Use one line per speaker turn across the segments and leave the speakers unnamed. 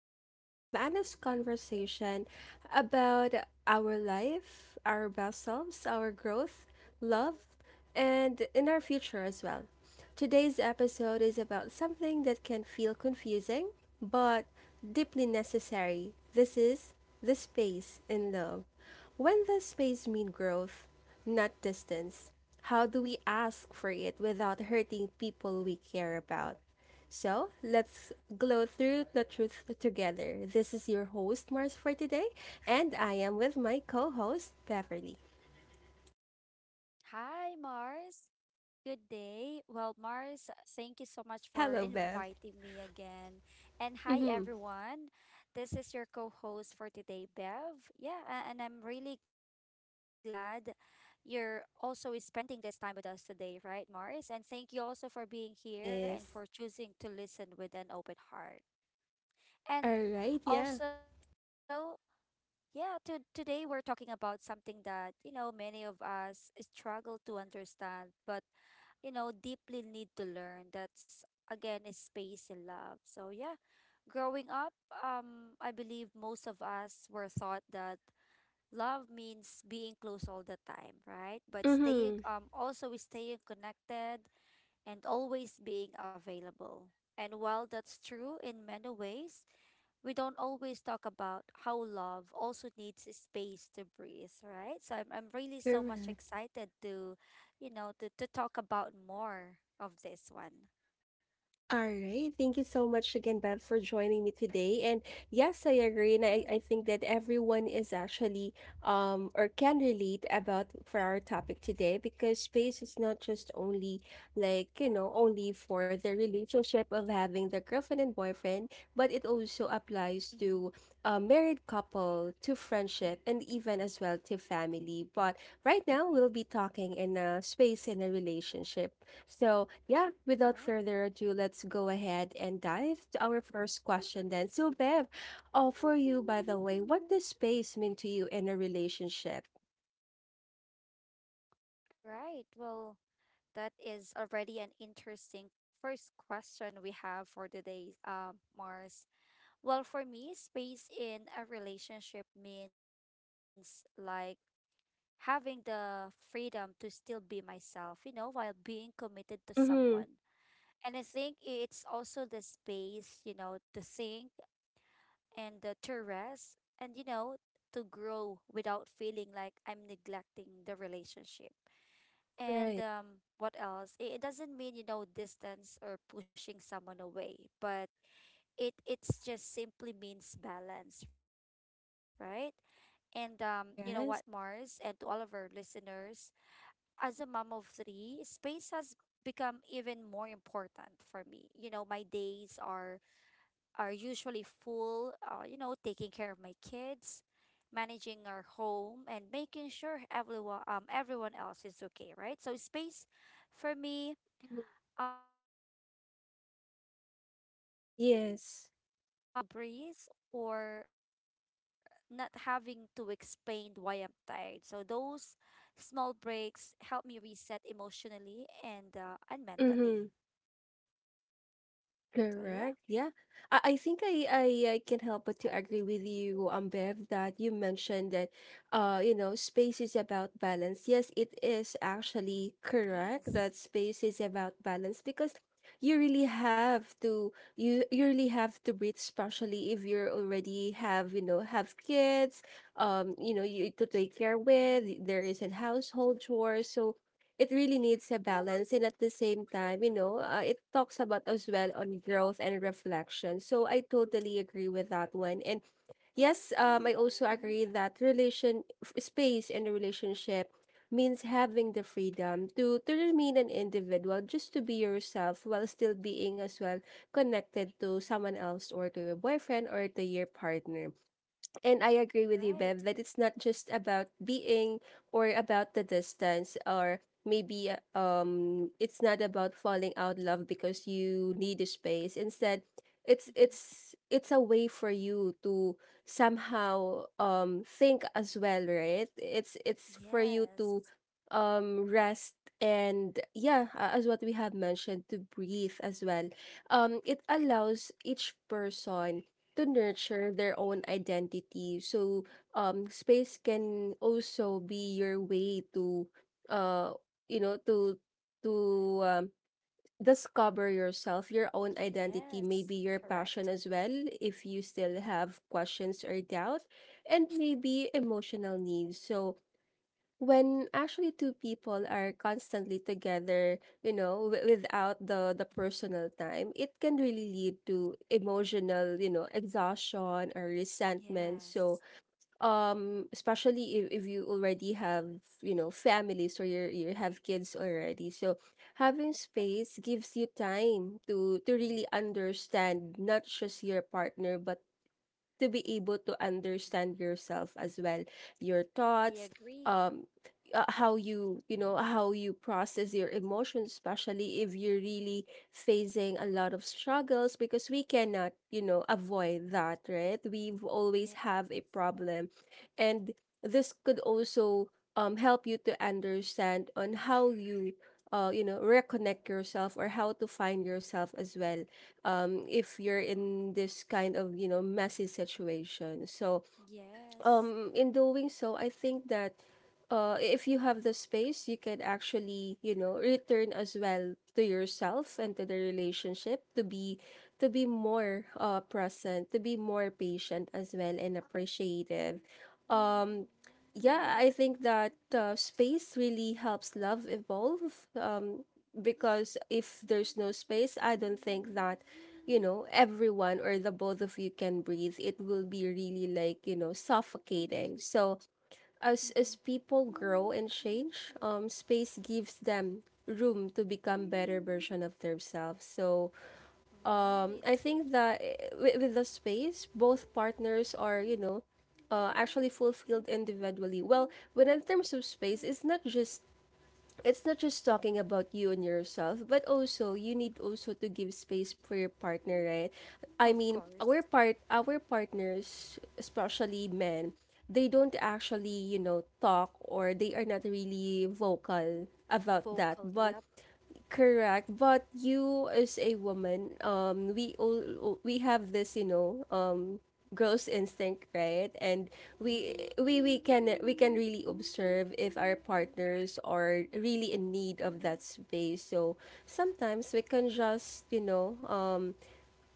where we have honest conversation about our life, our best selves, our growth, love, and in our future as well. Today's episode is about something that can feel confusing but deeply necessary. This is the space in love. When does space mean growth, not distance? How do we ask for it without hurting people we care about? So let's glow through the truth together. This is your host, Mars, for today, and I am with my co host, Beverly.
Hi, Mars. Good day. Well, Mars, thank you so much for
Hello, Bev.
inviting me again. And hi,
Mm-hmm.
everyone. This is your co host for today, Bev. Yeah, and I'm really glad you're also spending this time with us today, right, Mars? And thank you also for being here and for
Yes.
choosing to listen with an open heart. And
All right, yeah.
also, yeah, today we're talking about something that many of us struggle to understand, but deeply need to learn. That's again is space in love. So yeah, growing up, I believe most of us were taught that love means being close all the time, right? But staying
Mm-hmm.
also is staying connected and always being available. And while that's true in many ways, we don't always talk about how love also needs space to breathe, right? So I'm really so much
Correct.
excited to, you know, to talk about more of this one.
All right. Thank you so much again, Bev, for joining me today. And yes, I agree.
Of
And I,
course.
I think that everyone is actually or can relate about for our topic today, because space is not just only, like, you know, only for the relationship of having the girlfriend and boyfriend friend, but it also
Mm-hmm.
applies to a married couple, to friendship, and even as well to family. But right now, we'll be talking in a space in a relationship. So, yeah,
Right,
without further ado, let's go ahead and dive to our first question then. So, Bev, oh, for you, by the way, what does space mean to you in a relationship?
right. Well, that is already an interesting first question we have for today, Mars. Well, for me, space in a relationship means like having the freedom to still be myself, you know, while being committed to someone.
Mm-hmm.
And I think it's also the space, you know, to think and to rest and, you know, to grow without feeling like I'm neglecting the relationship. And
Right.
what else? It doesn't mean, you know, distance or pushing someone away, but it's just simply means balance, right? And you know what, Mars, and to
Yes.
all of our listeners, as a mom of three, space has become even more important for me. You know, my days are usually full. You know, taking care of my kids, managing our home, and making sure everyone else is okay, right? So space, for me,
Mhm.
can be as simple as a quiet
Yes.
moment, time to breathe, or not having to explain why I'm tired. So those small breaks help me reset emotionally and uh,
Mm-hmm.
and mentally.
Correct.
So yeah.
Yeah. I think I can help but to agree with you, Bev, that you mentioned that you know, space is about balance. Yes, it is actually correct that space
Yes.
is about balance, because you really have to you really have to breathe, especially if you're already have, you know, have kids, you know, you to take care
Mm-hmm.
with, there is a household chores. So it really needs a balance, and at the same time, you know, it talks about as well on growth and reflection, so I totally agree with that one. And yes, I also agree that
Mm-hmm.
space in a relationship means having the freedom to remain an individual, just to be yourself while still being as well connected to someone else or to your boyfriend or to your partner. And I agree with you, Bev, that it's not just
Right.
about being or about the distance, or maybe it's not about falling out love because you need a space. Instead, it's a
Mm-hmm.
way for you to somehow think as well, right? It's for you to
Yes.
rest and, yeah, as what we have mentioned, to breathe as well. It allows each person to nurture their own identity. So, space can also be your way to, uh, you know, to um, discover yourself, your own identity,
J-
maybe your passion
Yes.
as well,
Correct.
if you still have questions or doubt, and maybe emotional needs. So, when actually two people are constantly together, you know, without the personal time, it can really lead to emotional, you know, exhaustion or resentment. So
Yes.
especially if you already have, you know, families, or you have kids already, so having space gives you time to really understand not just your partner but to be able to understand yourself as well, your thoughts,
I
um,
agree.
how you know how you process your emotions, especially if you're really facing a lot of struggles, because we cannot, you know, avoid that, right? We've always have a
Yeah.
problem, and this could also help you to understand on how you you know reconnect yourself or how to find yourself as well, if you're in this kind of, you know, messy situation. So in
Yes.
doing so, I think that if you have the space, you can actually, you know, return as well to yourself and to the relationship to be more present, to be more patient as well, and appreciative. Um, yeah, I think
Right.
that space really helps love evolve. Because if there's no space, I don't think that, you know, everyone or the both of you can breathe, it will be really, like, you know, suffocating. So as
Mm-hmm.
people grow and change, space gives them room to become better version of themselves. So I
Right.
think that with the space, both partners are, you know, actually fulfilled individually. Well, when in terms of space, it's not just talking about you and yourself, but also you need also to give space for your partner, right? I mean,
Of course.
our partners, especially men, they don't actually, you know, talk, or they are not really vocal about that.
Vocal.
But
Yep.
correct, but you as a woman, we all we have this, you know, gross instinct, right? And we can really observe if our partners are really in need of that space. So sometimes we can just, you know, um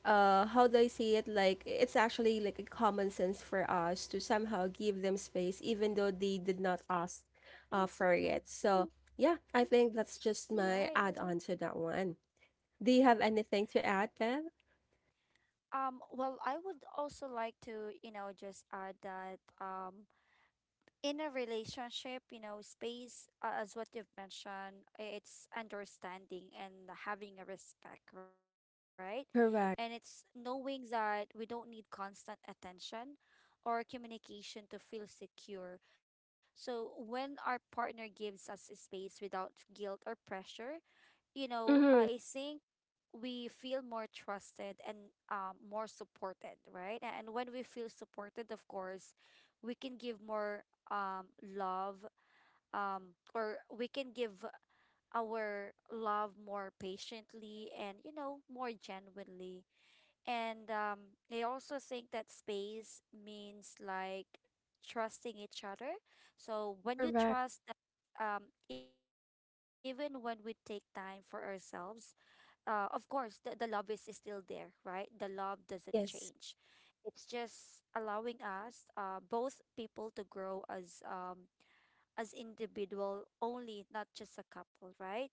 uh how do I say it, like it's actually like a common sense for us to somehow give them space even though they did not ask for it. So yeah, I think that's just
Right.
my add-on to that one. Do you have anything to add, Bev?
Well, I would also like to, you know, just add that in a relationship, you know, space, as what you've mentioned, it's understanding and having a respect, right? And it's
Correct.
knowing that we don't need constant attention or communication to feel secure. So when our partner gives us space without guilt or pressure, you know, I
Mm-hmm.
think we feel more trusted and more supported, right? And when we feel supported, of course, we can give more love, or we can give our love more patiently and, you know, more genuinely. And I also think that space means like trusting each other. So when you
Correct.
trust, even when we take time for ourselves, of course, the love is still there, right? The love doesn't change.
Yes.
It's just allowing us, both people to grow as individual only, not just a couple, right?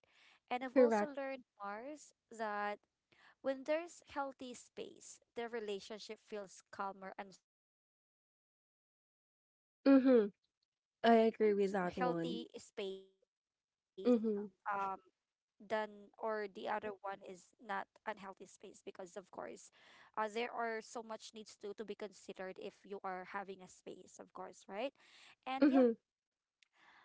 And I've also
Correct.
learned, Mars, that when there's healthy space, the relationship feels calmer and stronger because you know there is a space,
Mhm. I agree with that
healthy
one.
space, um
Mhm.
than or the other one is not unhealthy space, because of course there are so much needs to be considered if you are having a space, of course, right? And yeah.
Mhm.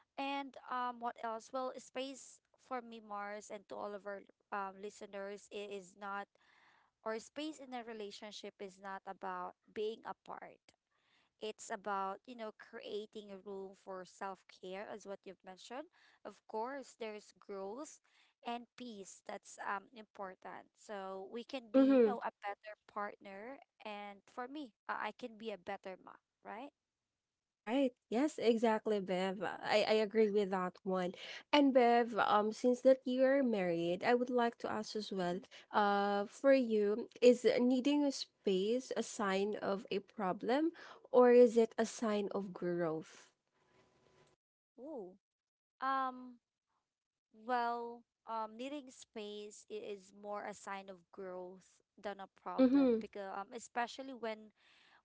And what else? Well, space for me, Mars, and to all of our listeners, it is not, or space in a relationship is not about being apart. It's about, you know, creating a room for self-care, as what you've mentioned. Of course, there's growth and peace that's important. So we can be, you know,
Mhm.
a better partner. And for me, I can be a better mom, right?
Right. Yes, exactly, Bev. I agree with that one. And Bev, since that you're married, I would like to ask as well,
Mm-hmm.
for you, is needing a space a sign of a problem, or is it a sign of growth?
Ooh. Um, well, needing space is more a sign of growth than a problem,
Mm-hmm.
because especially when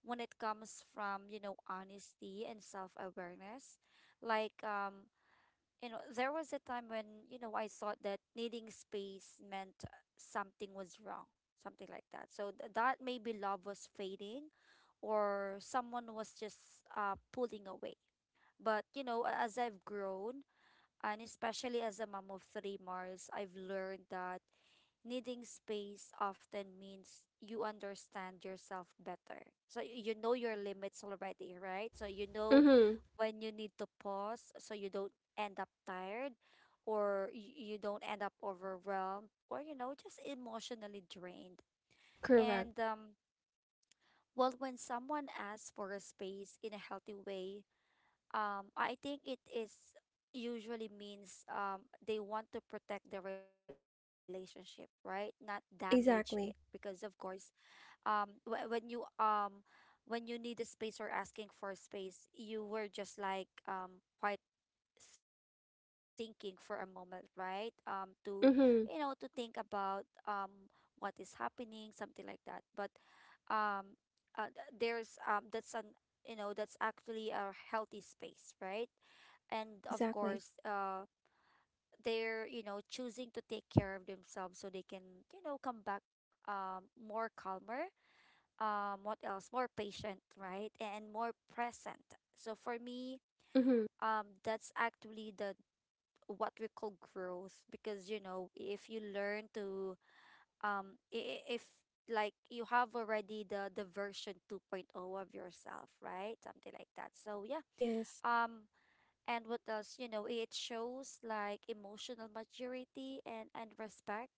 it comes from, you know, honesty and self-awareness. Like, you know, there was a time when, you know, I thought that needing space meant something was wrong, something like that, so that maybe love was fading, or someone was just pulling away. But you know, as I've grown, and especially as a mom of three, Mars, I've learned that needing space often means you understand yourself better. So you know your limits already, right? So you know
Mm-hmm.
when you need to pause so you don't end up tired, or you don't end up overwhelmed, or, you know, just emotionally drained.
Correct.
And, well, when someone asks for a space in a healthy way, I think it is usually means they want to protect the relationship, right? Not damage it, because of
Exactly.
course when you need the space, or asking for a space, you were just like quite thinking for a moment, right? To, you know, to think
Mm-hmm.
about what is happening, something like that. But um th- there's that's an you know that's actually a healthy space, right? And of
Exactly.
course, they're, you know, choosing to take care of themselves so they can, you know, come back, more calmer, what else, more patient, right, and more present. So for me,
Mm-hmm.
that's actually the what we call growth, because you know if you learn to um i- i- if, like, you have already the version 2.0 of yourself, right, something like that, so yeah.
Yes.
um And what else, you know, it shows like emotional maturity and, respect,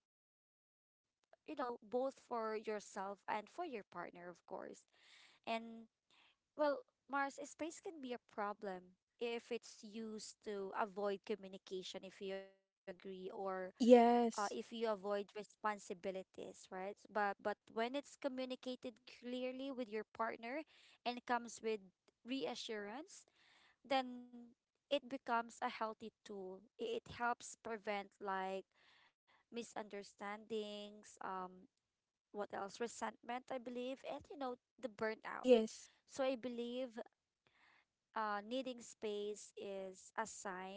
you know, both for yourself and for your partner, of course. And well, Mars, space can be a problem if it's used to avoid communication, if you agree, or if you avoid
Yes.
responsibilities, right? But when it's communicated clearly with your partner and comes with reassurance, then it becomes a healthy tool. It helps prevent like misunderstandings, what else, resentment, I believe, and you know, the burnout. So I
Yes.
believe needing space is a sign that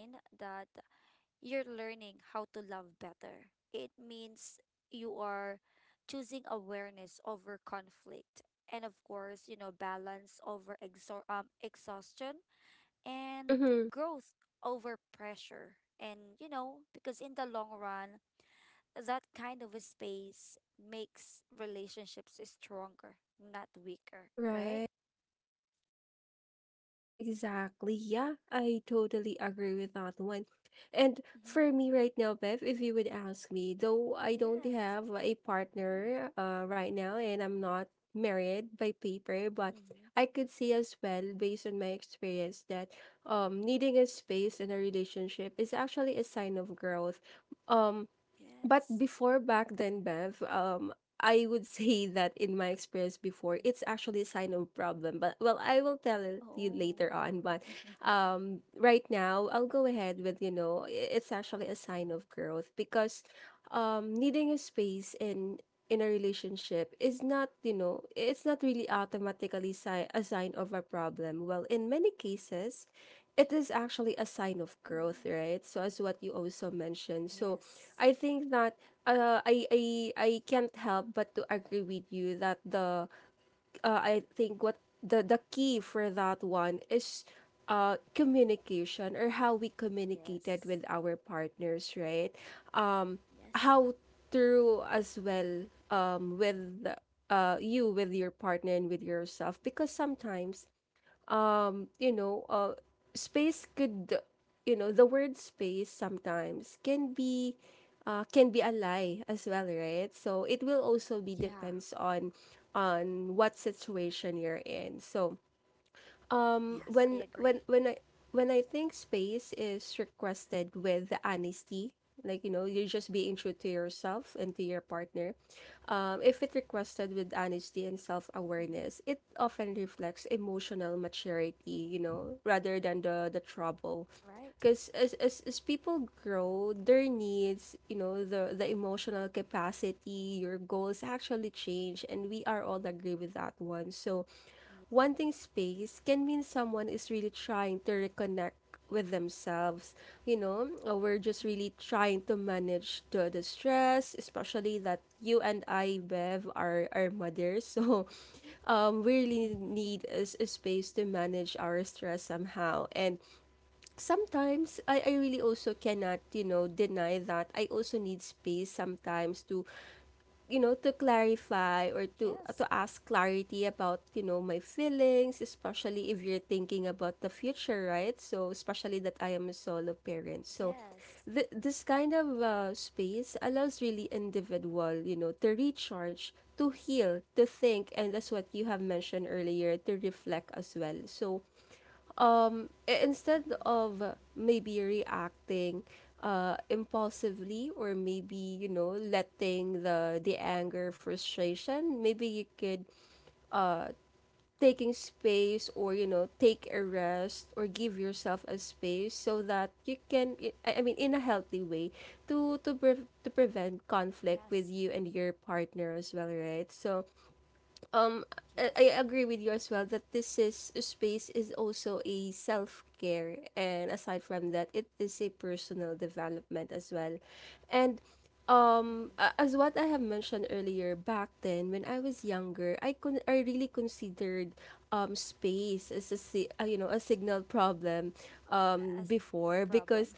you're learning how to love better. It means you are choosing awareness over conflict, and of course, you know, balance over exhaustion, and
Mm-hmm.
growth over pressure. And, you know, because in the long run, that kind of a space makes relationships stronger, not weaker, right?
Right. Exactly. Yeah, I totally agree with that one. And
Mm-hmm.
for me right now, Bev, if you would ask me, though I don't
Yes.
have a partner right now, and I'm not married by paper, but
Mm-hmm.
I could say as well, based on my experience, that needing a space in a relationship is actually a sign of growth. Um, but
Yes.
before back then, Bev, I would say that in my experience before,
Mm.
it's actually a sign of problem. But well, I will tell it you
Oh.
later on. But right now, I'll go ahead with, you know, it's actually a sign of growth, because needing a space in a relationship is not, you know, it's not really automatically a sign of a problem. Well, in many cases, it is actually a
Mhm.
sign of growth, right? So as what you also
Yes.
mentioned. So I think that I can't help but to agree with you that the I think what the key for that one is communication, or how we communicated
Yes.
with our partners, right? Um,
Yes.
how through as well with you with your partner and with yourself, because sometimes you know space could, you know, the word space sometimes can be a lie as well, right? So it will
Mhm. Yeah.
also be depends on what situation you're in. So
Yes, I agree.
when I, when I think space is requested with honesty, like, you know, you're just being true to yourself and to your partner. If it requested with
Mm-hmm.
honesty and self awareness, it often reflects emotional maturity, you know, rather than the trouble,
Right?
because as people grow, their needs, you know, the emotional capacity, your goals actually change, and we are all agree with that one. So
Yeah.
wanting space can mean someone is really trying to reconnect with themselves, you know. We're just really trying to manage the stress, especially that you and i, Bev, are mothers so we
Mm-hmm.
really need a, a space to manage our stress somehow. And sometimes I really also cannot, you know, deny that I also need space sometimes to, you know, to
Yes.
clarify or to ask clarity about, you know, my feelings, especially if you're thinking about the future, right? So especially that I am a
Yes.
solo parent. So this kind of space allows really individual, you know, to recharge, to heal, to think, and, that's what you have mentioned earlier, to reflect as well. So
Mm-hmm.
instead of maybe reacting impulsively, or maybe, you know, letting the anger, frustration, maybe you could uh taking space, or, you know, take a rest, or give yourself a space, so that you can I mean, in a healthy way, to to
Yes.
prevent conflict with you and your partner as well, right? So
Yes.
um I agree with you as well that this is space is also a self-care, and aside from that it is a personal development as well. And
Mhm.
as what I have mentioned earlier back then, when I was younger, I really considered space as a you know, a signal problem
As a problem.
before,
Mhm.
because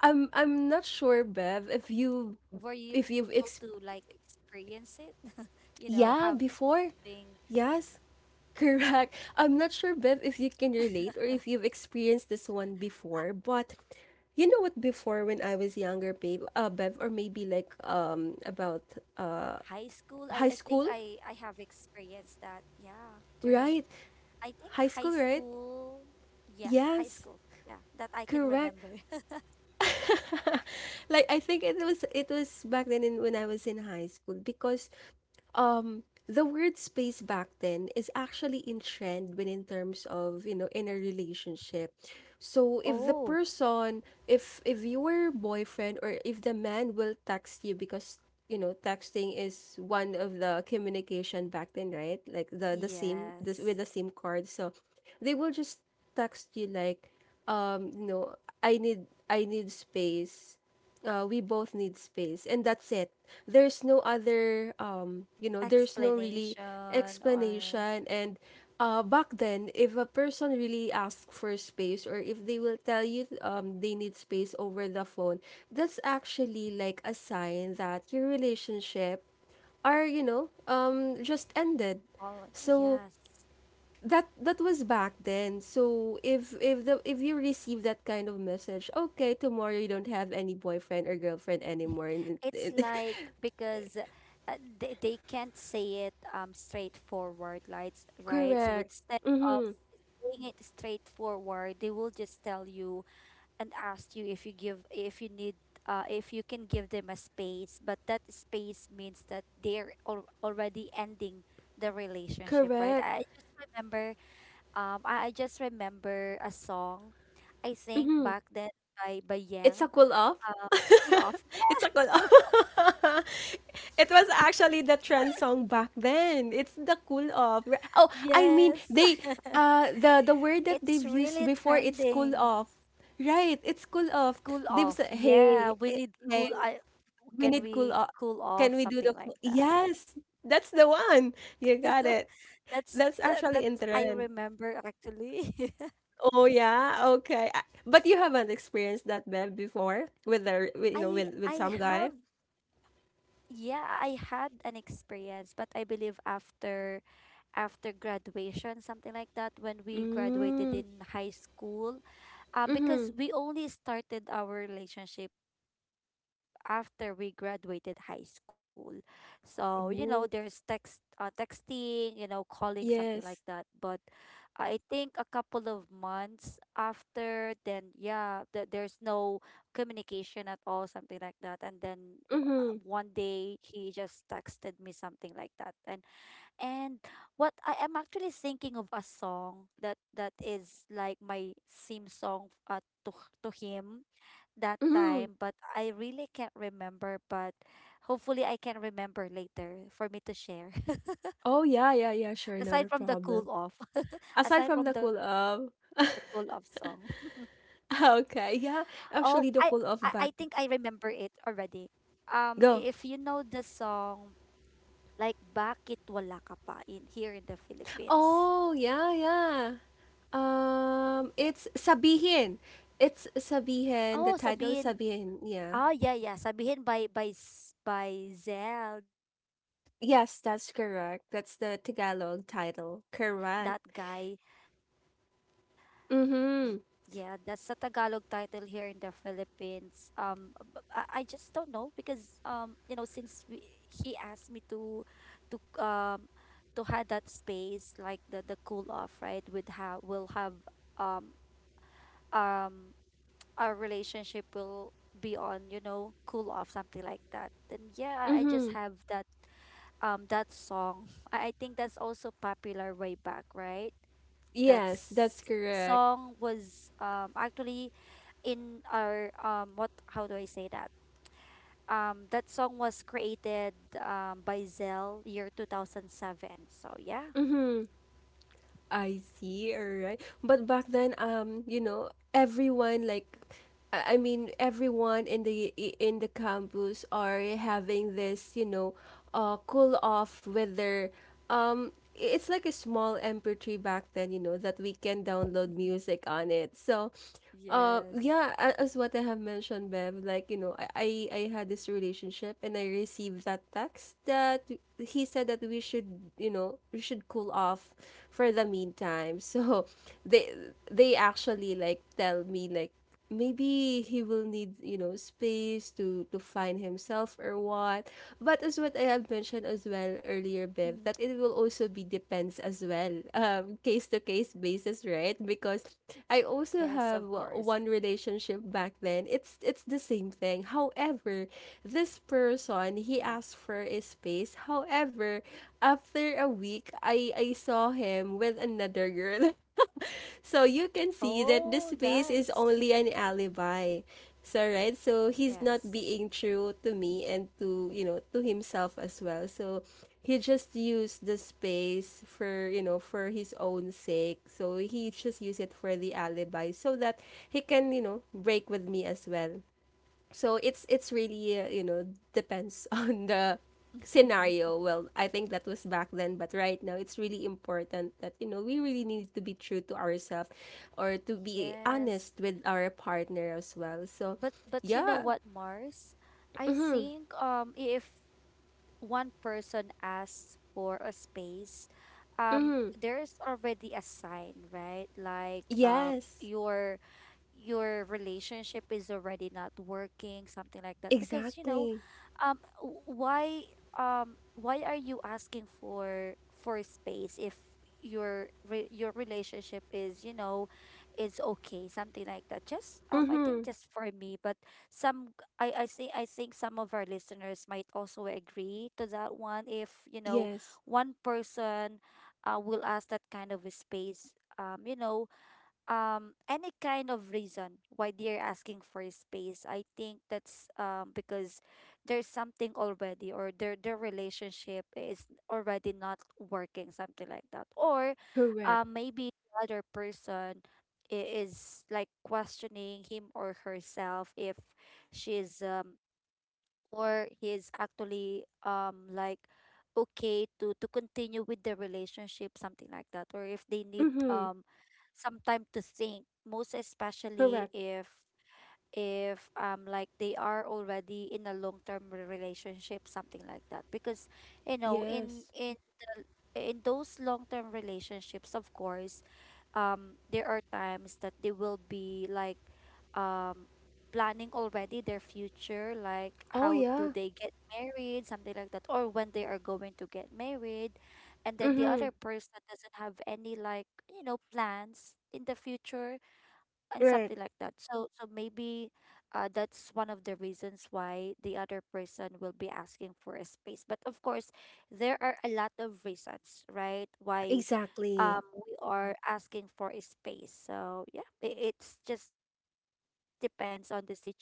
I'm not sure, Bev,
Were you able
if
to
you've
like
experienced,
experience it? You know,
yeah,
having
before. Yes,
Ooh.
correct. I'm not sure, Bev, if you can relate or if you've experienced this one before, but you know what, before when I was younger, Bev, or maybe like about
High school,
uh
I think I,
high
I have
school,
experienced that. Yeah. During,
right?
I think high
High school, right?
school. Yes, high school.
Yes,
Yeah, that I can
correct.
remember.
Like I think it was back then when I was in high school because the word space back then is actually in trend when in terms of, you know, in a relationship. So if the
Oh,
person if your boyfriend or if the man will text you because, you know, texting is one of the communication back then, right? Like the sim, this with
yes.
the sim card. So they will just text you like, um you know I need space, we both need space and that's it. There's no other, there's no really
Explanation or
explanation. And back then, if a person really asks for space, or if they will tell you they need space over the phone, that's actually like a sign that your relationship are, you know, just ended.
all.
So
Yes.
that was back then. So if you receive that kind of message, okay, tomorrow you don't have any boyfriend or girlfriend anymore,
It's
and-
like because they can't say it straightforward, like, right? So
Correct.
instead of
Mm-hmm.
saying it straightforward, they will just tell you and ask you if you need, if you can give them a space, but that space means that they're already ending the relationship, right?
Correct.
I just remember a song, I think back then, by
It's a
yang,
cool off.
uh, cool off.
It's a cool off. It was actually the trend song back then. It's the cool off.
Yes,
Oh, I mean,
it's
the
really
word that they've used
trending.
before, it's cool off, right?
Cool
It's cool
off.
off.
Yeah,
They
we
was like,
need cool. I,
hey,
can we cool
We need
off,
cool o
something like
can
that.
we do the cool? Yes, that's the one. You got
That's
it.
that, that's
That's
I
actually in
remember
trend.
actually.
Oh yeah, okay. I but you haven't experienced that, Bev, before with
I
the with,
I
you know,
have,
with some guy?
yeah, I had an experience, but I believe after graduation, something like that, when we graduated
Mm.
in high school,
Mm-hmm.
because we only started our relationship after we graduated high school. So, you know,
Oh.
there's texting, you know, calling, something
Yes.
like that. But I think a couple of months after, then yeah, there's no communication at all, something like that. And then
Mm-hmm.
one day he just texted me something like that, and and what I am actually thinking of a song that is like my theme song, to him that
Mm-hmm.
time, but I really can't remember. But hopefully, I can remember later for me to share.
Oh yeah, yeah, yeah, sure, not
Aside
a
from the cool
problem.
off,
Aside
aside
from
from
the
the
cool
cool off
off.
song.
Okay,
Oh,
yeah.
I I,
Actually
I
the cool
think
off
I
back.
remember it already.
Go.
If you know the song like Bakit Wala Ka Pa, in here in the Philippines.
Oh, yeah, yeah. It's Sabihin. It's Sabihin. The
Oh,
title is
Sabihin.
Sabihin. Yeah.
Oh yeah, yeah. Sabihin by by Zell. Yeah, that's actually
Yes,
my
that's
team song.
correct. That's
Or
the
my song
Tagalog
to him,
title.
that
Correct.
guy. Yeah, that's a
Mm-hmm.
Tagalog title here in the Philippines. I just don't know because you know, he asked me to um to have that space, like the cool off, right? With how we'll have um um our relationship will be on, cool off, something like that. Then yeah, I just
Mm-hmm.
have that that song. I think that's also popular way back, right? that
Yes, that's
s-
correct.
song was actually in our what, how do I say that? That song was created by Zell, year 2007. So yeah.
I see, alright. But back then, you know, everyone like I mean everyone in the in the campus are having this, you know, cool off with their um it's like a small MP3 back then, you know, that we can download music on it. So
Yes.
yeah, as what I have mentioned, Bev, like, you know, I had this relationship and I received that text that he said that we should, you know, we should cool off for the meantime. So they they actually like tell me like maybe he will need, you know, space to find himself or what. But as what I have
Hmm.
mentioned as well earlier, Bev, that it will also be depends as well, case to case basis, right?
Yes,
Because
of
I
course.
also have one relationship back then. It's the same thing. However, this
Mm.
person, he asked for a space. However, after a week, I saw him with another girl. So you
Oh,
can see that the
that's
space is only an alibi. So right, so
yes.
he's not being true to me and to, you know, to himself as well. So he just used the space for, you know, for his own sake. So he just used it for the alibi so that he can, you know, break with me as well. So it's really, you know, depends on the scenario. Well, I think that was back then, but right now it's really important that you know we really need to be true to ourselves or to be
Yes.
honest with our partner as well. So
But you know
yeah.
what, Mars? I think if one person asks for a space, there's already a sign, right? Like
Yes.
your relationship is already not working, something like that. Because you know,
Exactly.
um, w- why why are you asking for space if your relationship is, you know, is okay, something like that. Just I think,
Mm-hmm.
just for me. But some I think I think some of our listeners might also agree to that one if, you know,
Yes.
one person will ask that kind of a space. um you know any kind of reason why they're asking for space, I think that's because there's something already, or their relationship is already not working, something like that. Or
Correct.
maybe the other person is like questioning him or herself, if she's or he's actually like okay to continue with the relationship, something like that. Or if they need
Mm-hmm.
some time to think, most especially
Correct.
if like they are already in a long-term relationship, something like that, because you know
Yes.
the in those long-term relationships. Of course there are times that they will be like um planning already their future, like
Oh
how do
yeah.
they get married, something like that, or when they are going to get married. And then the
Mm-hmm.
other person doesn't have any like, you know, plans in the future, and
Right.
something like that. So maybe that's one of the reasons why the other person will be asking for a space. But of course, there are a lot of reasons, right, why
Exactly.
we are asking for a space. So yeah, it's just depends on the situation. But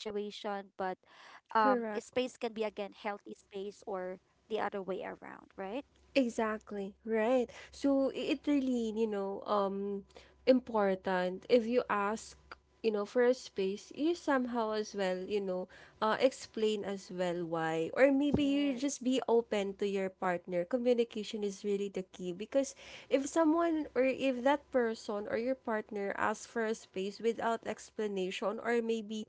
a space can be,
Correct.
again, healthy space, or the other way around, right?
Exactly, right. So it really, you know, important if you ask, you know, for a space, you somehow as well, you know, explain as well why or maybe you
Yes.
just be open to your partner. Communication is really the key because if someone or if that person or your partner asks for a space without explanation or maybe,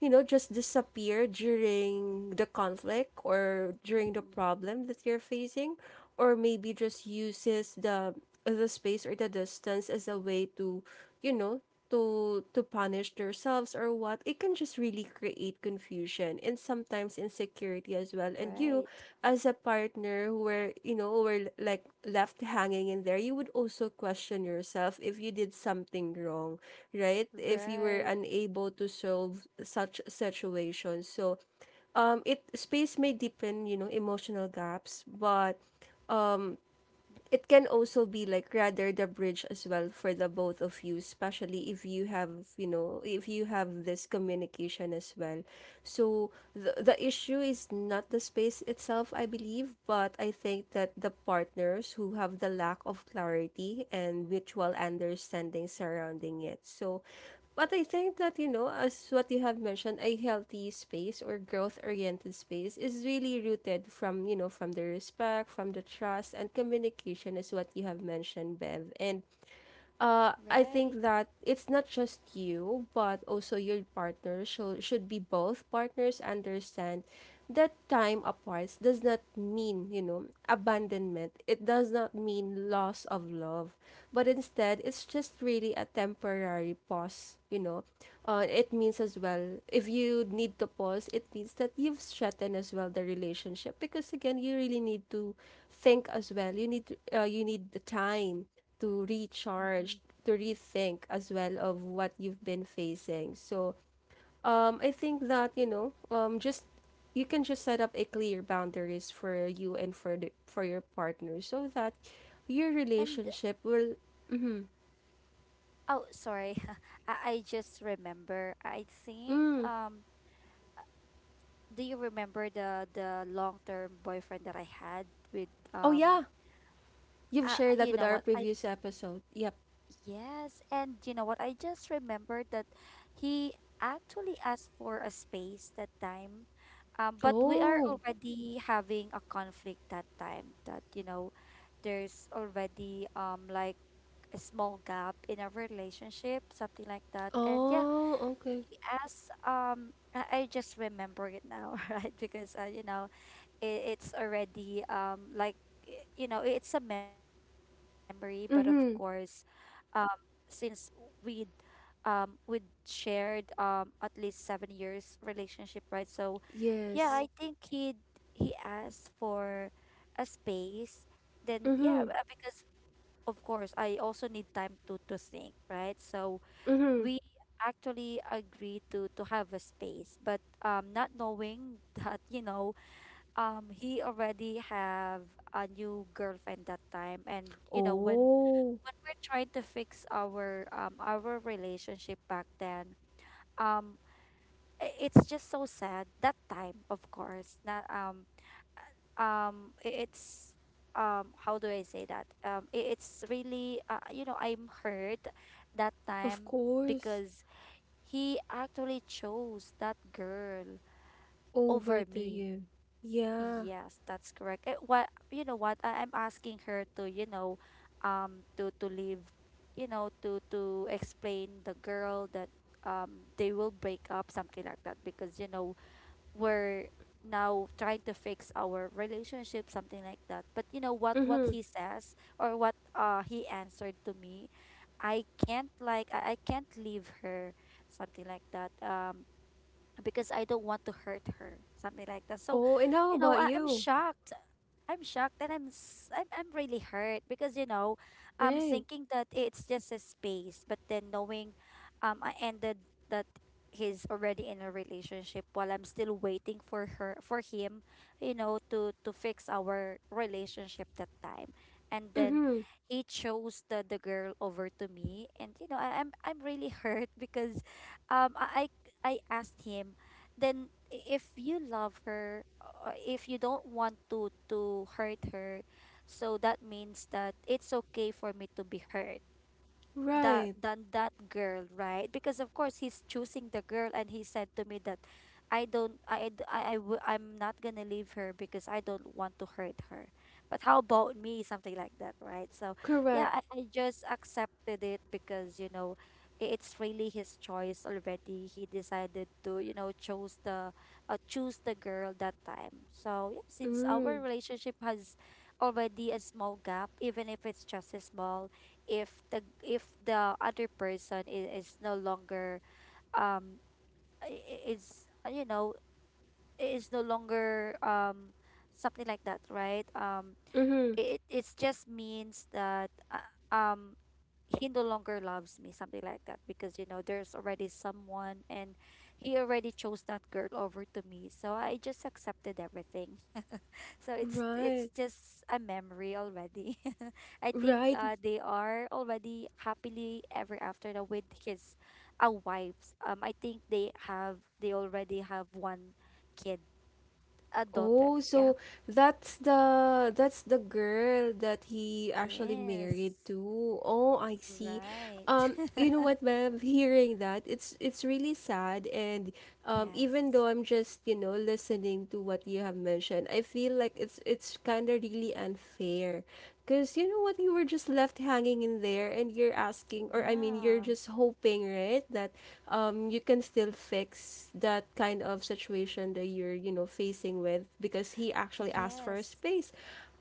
you know, just disappear during the conflict or during the
Mm-hmm.
problem that you're facing, or maybe just uses the space or the distance as a way to, you know, to punish themselves or what. It can just really create confusion and sometimes insecurity as well. And you
Right,
as a partner who were, you know, were like left hanging in there, you would also question yourself if you did something wrong, right? If you were
right.
unable to solve such situations. So it space may deepen, you know, emotional gaps, but it can also be like rather the bridge as well for the both of you, especially if you have, you know, if you have this communication as well. So the issue is not the space itself, I believe, but I think that the partners who have the lack of clarity and mutual understanding surrounding it. So but I think
Mm-hmm.
that, you know, as what you have mentioned, a healthy space or growth oriented space is really rooted from, you know, from the respect, from the trust, and communication is what you have mentioned, Bev. And I
Right.
think that it's not just you, but also your partner should be both partners understand that time apart does not mean, you know, abandonment. It does not mean loss of love, but instead it's just really a temporary pause. You know, it means as well if you need to pause, it means that you've strengthened as well the relationship because again you really need to think as well. You need, you need the time to
Mm-hmm.
recharge, to rethink as well of what you've been facing. So, I think that, you know, just you can just set up a clear boundaries for you and for your partner so that your
And,
relationship will... Mm-hmm.
oh, sorry. I just remember, I think
Mm.
do you remember the long-term boyfriend that I had with
Oh yeah, you've shared that
you
with
know
our
what I.
previous episode, yep.
Yes, and you know what? I just remembered that he actually asked for a space that time. But we are
Oh.
already having a conflict that time, that, you know, there's already like a small gap in our relationship, something like that. And yeah,
Oh, okay.
he asked I just remember it now, right? Because you know, it's already like, you know, it's a memory, but of course,
Mm-hmm.
since we um we shared at least 7 years relationship, right? So yeah.
Yes.
Mm-hmm. I think he asked for a space. Then yeah,
Mm-hmm.
because of course I also need time to think, right? So
Mm-hmm.
we actually agreed to have a space, but not knowing that, you know, he already have a new girlfriend that time. And you know, when
Oh.
when we're trying to fix our relationship back then, um it's just so sad that time. Of course not, I- it's how do I say that? It's really, you know, I'm hurt that
Of
time,
course.
because he actually chose that girl
Over
over
to
me.
you. Yeah.
Yes, that's correct. It, what, you know what? I'm asking her to, you know, to leave, you know, to explain, the girl, that they will break up, something like that, because, you know, we're now trying to fix our relationship, something like that. But you know what
Mm-hmm.
he says, or what he answered to me, I can't like, I can't leave her, something like that. Because I don't want to hurt her, something like that. So,
Oh, and how
you know,
about
I'm
you?
shocked. I'm shocked, and I'm, s- I'm really hurt, because, you know, I'm
Right.
thinking that it's just a space. But then, knowing, I ended that he's already in a relationship while I'm still waiting for her, for him, you know, to fix our relationship that time. And then
Mm-hmm.
he chose the girl over to me. And you know, I'm really hurt, because um, I I asked him, then, if you love her, if you don't want to hurt her, so that means that it's okay for me to be hurt, that,
Right.
than that girl, right? Because of course he's choosing the girl, and he said to me that I don't, I, d- I w- I'm not gonna leave her because I don't want to hurt her. But how about me? Something like that, right? So yeah,
Correct.
I just accepted it, because, you know, it's really his choice already. He decided to, you know, chose the, choose the girl that time. So yeah, since our
Mm.
relationship has already a small gap, even if it's just a small, if the, other person is no longer, um is, you know, I- is no longer something like that, right?
Mm-hmm.
It, it's just means that, um he no longer loves me, something like that, because you know there's already someone, and he already chose that girl over to me. So I just accepted everything. So it's
Right.
just a memory already. I think
Right.
they are already happily ever after now with his, wives. I think they have they already have one kid, a daughter.
Oh,
Yeah.
so that's the girl that he actually
Yes.
married to. Oh, I see.
Right.
You know what, Bev? Hearing that, it's really sad, and, even
Yes.
though I'm just, you know, listening to what you have mentioned, I feel like it's kind of really unfair, because you know what, you were just left hanging in there, and you're asking, or I mean, you're
Yeah.
just hoping, right, that you can still fix that kind of situation that you're, you know, facing with, because he actually asked for a
Yes.
space.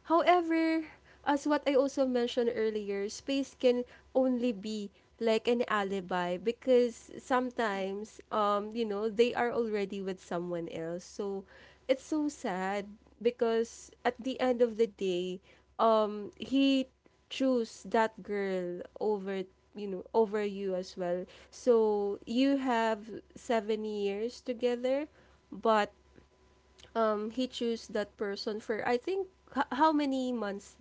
However, as what I also mentioned earlier, space can only be like an alibi because
Mm-hmm.
sometimes you know they are already with someone else, so it's so sad because at the end of the day, he choose that girl over, you know, over you as well. So you have 7 years together, but he chose that person for, I think, how many months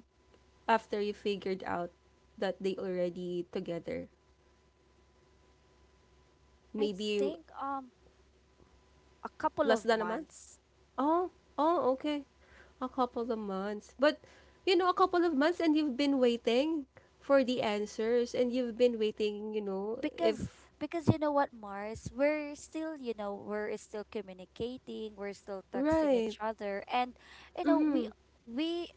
after you figured out that they already together?
I think
Maybe...
a couple of
Less than a month?
months.
Oh. Oh, okay. A couple of months. But, you know, a couple of months and you've been waiting for the answers and you've been waiting, you know,
because
if...
because you know what, Mars, we're still, you know, we're still communicating, we're still texting
Right.
each other. And you know
Mm
we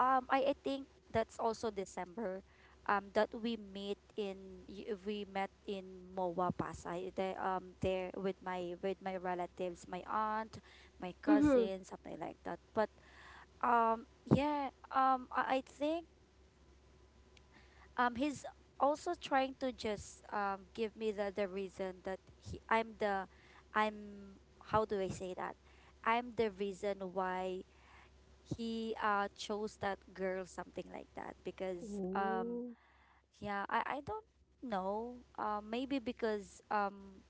I think that's also December, that we meet in, we met in Moa Pasay, the, there, with my, with my relatives, my aunt, my
hmm. Mm hmm.
cousins, something like that, but, Um, yeah, I think he's also trying to just give me the, reason that he, I'm the, I'm, how do I say that? I'm the reason why he chose that girl, something like that. Because
Oh.
yeah, I don't know. Maybe because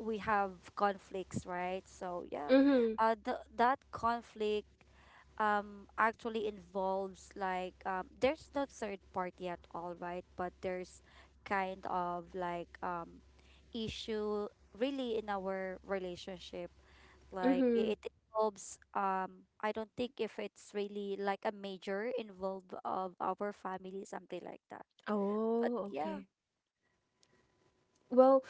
we have conflicts, right? So yeah,
Mm hmm.
that conflict actually involves like there's no third party at all, right? But there's kind of like issue really in our relationship.
Mm
Like
hmm.
it involves I don't think if it's really like a major involve of our family, something like that. But
Oh,
yeah.
okay. Well,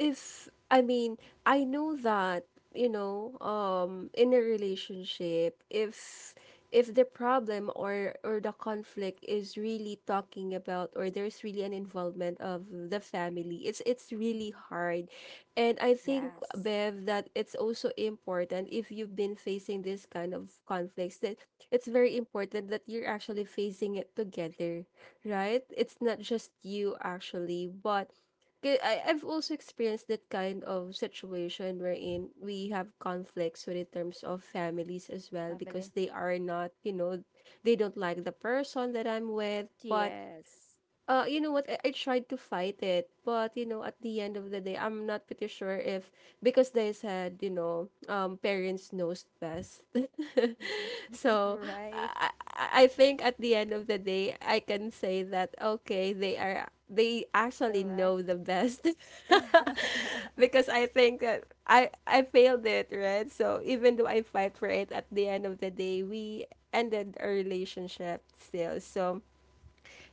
if I mean, I know that, you know, in a relationship, if the problem or the conflict is really talking about or there's really an involvement of the family, it's really
Hmm.
hard. And I think,
Yes.
Bev, that it's also important if you've been facing this kind of conflicts, that it's very important that you're actually facing it together, right? It's not just you actually, but 'Kay, I've also experienced that kind of situation wherein we have conflicts when in terms of families as well because
Family.
they are not, you know, they don't like the person that I'm with. But,
Yes.
you know what? I tried to fight it, but you know, at the end of the day, I'm not pretty sure if because they said, you know, parents knows best.
Mhm.
So
Right.
I think at the end of the day, I can say that okay, they actually know
Correct.
the best. Because I think that I failed it, right? So even though I fight for it, at the end of the day, we ended our relationship still. So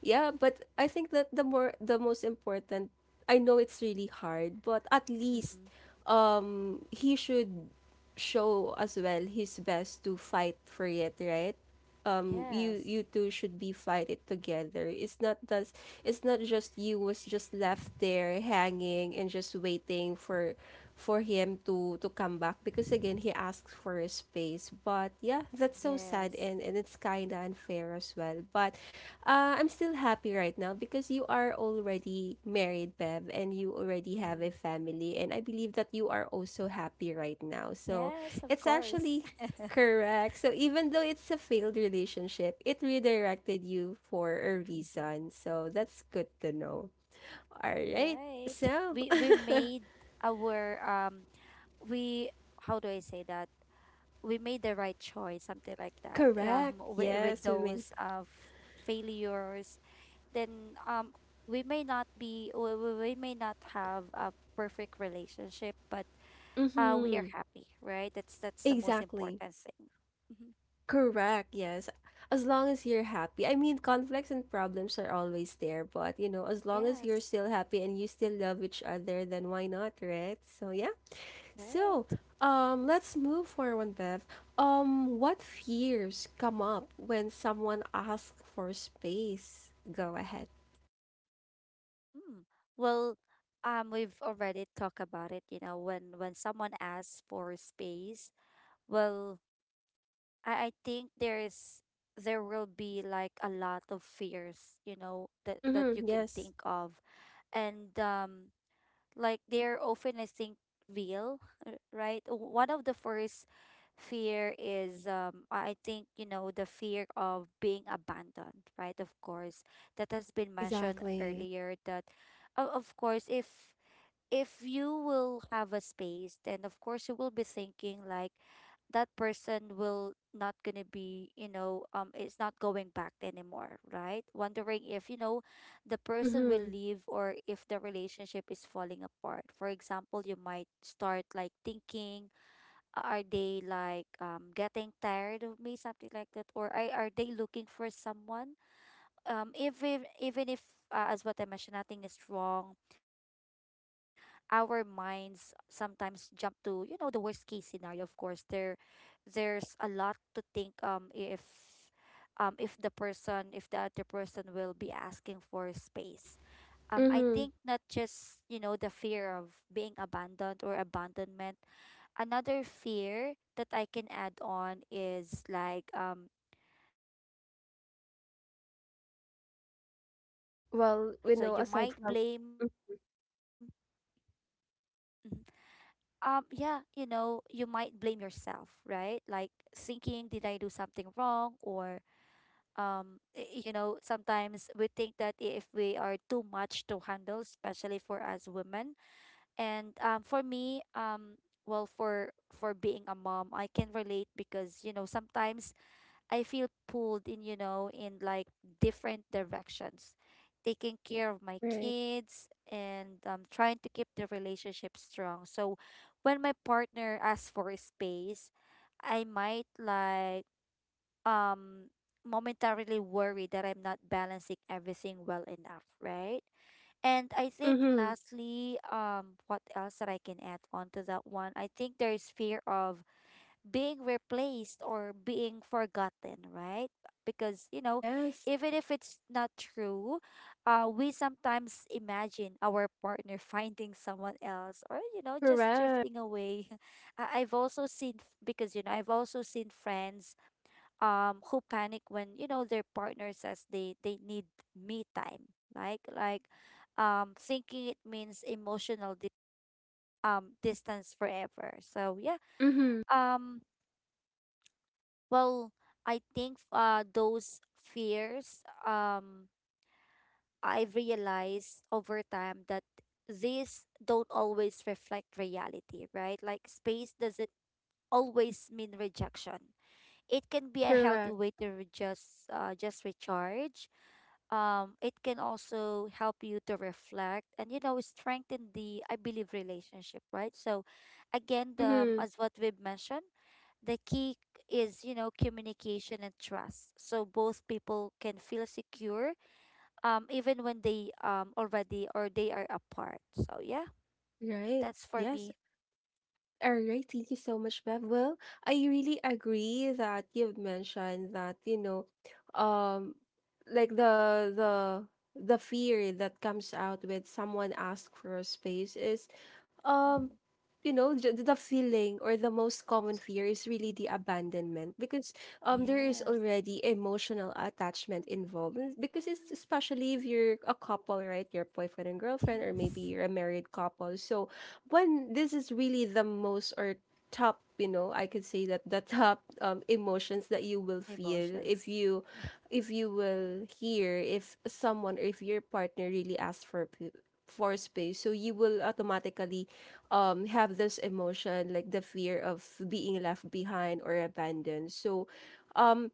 yeah, but I think that the most important. I know it's really hard, but at least
Mm-hmm.
he should show as well his best to fight for it, right? You
Yes.
two should be fight it together. It's not that it's not just you was just left there hanging and just waiting for for him to come back because again he asks for a space. But yeah, that's so sad,
Yes.
and it's kind of unfair as well. But I'm still happy right now because you are already married, Bev, and you already have a
Mm-hmm.
family, and I believe that you are also happy right now. So
Yes, of
it's
course.
actually. Correct. So even though it's a failed relationship, it redirected you for a reason. So that's good to know. All right.
Right.
So,
We made our we how do I say that? We made the right choice, something like that.
correct.
With
Yes, women.
those, failures, then we may not be, we may not have a perfect relationship, but we are
Mhm.
happy, right? That's the most
Exactly.
important thing. Hmm.
Correct. Yes. As long as you're happy. I mean, conflicts and problems are always there, but you know, as long as you're
Yes,
still happy and you still love each other, then why not, right? So, yeah. So,
right.
let's move forward with what fears come up when someone asks for space? Go ahead.
Mm. Well, we've already talked about it. You know, when someone asks for space, well, I think there is, there will be like a lot of fears, you know, that you
Mm-hmm.
can
Yes.
think of. And like they're often, I think, real, right. One of the first fear is I think, you know, the fear of being abandoned, right? Of course that has been mentioned
Exactly.
earlier, that, of course, if you will have a space, then of course you will be thinking like that person will not gonna be, you know, it's not going back anymore, right? Wondering if, you know, the person will
Mm-hmm.
leave, or if the relationship is falling apart. For example, you might start like thinking, are they like getting tired of me, something like that, or are they looking for someone? Even if, as what I mentioned, nothing is wrong, our minds sometimes jump to, you know, the worst case scenario. Of course, there's a lot to think, if the person, if the other person will be asking for space. I
Mm-hmm.
think, not just, you know, the fear of being abandoned, or abandonment. Another fear that I can add on is, like, of like fear not being
Well,
enough,
we know
right?
aside
So
from.
you might
Mm,
blame. Mm-hmm. Yeah, you know, you might blame yourself, right? Like thinking, did I do something wrong? Or you know, sometimes we think that if we are too much to handle, especially for us women. And for me, well, for being a mom, I can relate because, you know, sometimes I feel pulled in, you know, in like different directions. Taking care of my
right.
kids and trying to keep the relationship strong. So when my partner asks for a space, I might like um momentarily worry that I'm not balancing everything well enough, right? And I think
Mm-hmm.
lastly, what else that I can add on to that one? I think there is fear of being replaced or being forgotten, right? Because, you know,
Yes.
even if it's not true, we sometimes imagine our partner finding someone else or, you know, just
Correct.
drifting away. I've also seen, because, you know, I've also seen friends who panic when, you know, their partner says they need me time. Like, thinking it means emotional distance forever. So, yeah.
Mm-hmm.
Um, Well, I think those fears, I've realized over time that these don't always reflect reality, right? Like space doesn't always mean rejection. It can be a healthy
Correct.
way to just recharge, it can also help you to reflect and, you know, strengthen the, I believe, relationship, right? So again the,
Mm-hmm.
as what we've mentioned, the key is, you know, communication and trust, so both people can feel secure, even when they, already or they are apart. So yeah,
Right.
that's for
Yes.
me.
All right, thank you so much, Bev. Well, I really agree that you've mentioned that, you know, um, like the fear that comes out with someone ask for a space is,
Mhm.
um, you know, the feeling or the most common fear is really the abandonment. Because there is
Yes.
already emotional attachment involved, because it's especially if you're a couple, right? Your boyfriend and girlfriend, or maybe
Yes.
you're a married couple. So when this is really the most or top, you know, I could say that the top emotions that you will feel
Emotions.
if you will hear if someone or if your partner really asks for for space, so you will automatically have this emotion like the fear of being left behind or abandoned. So um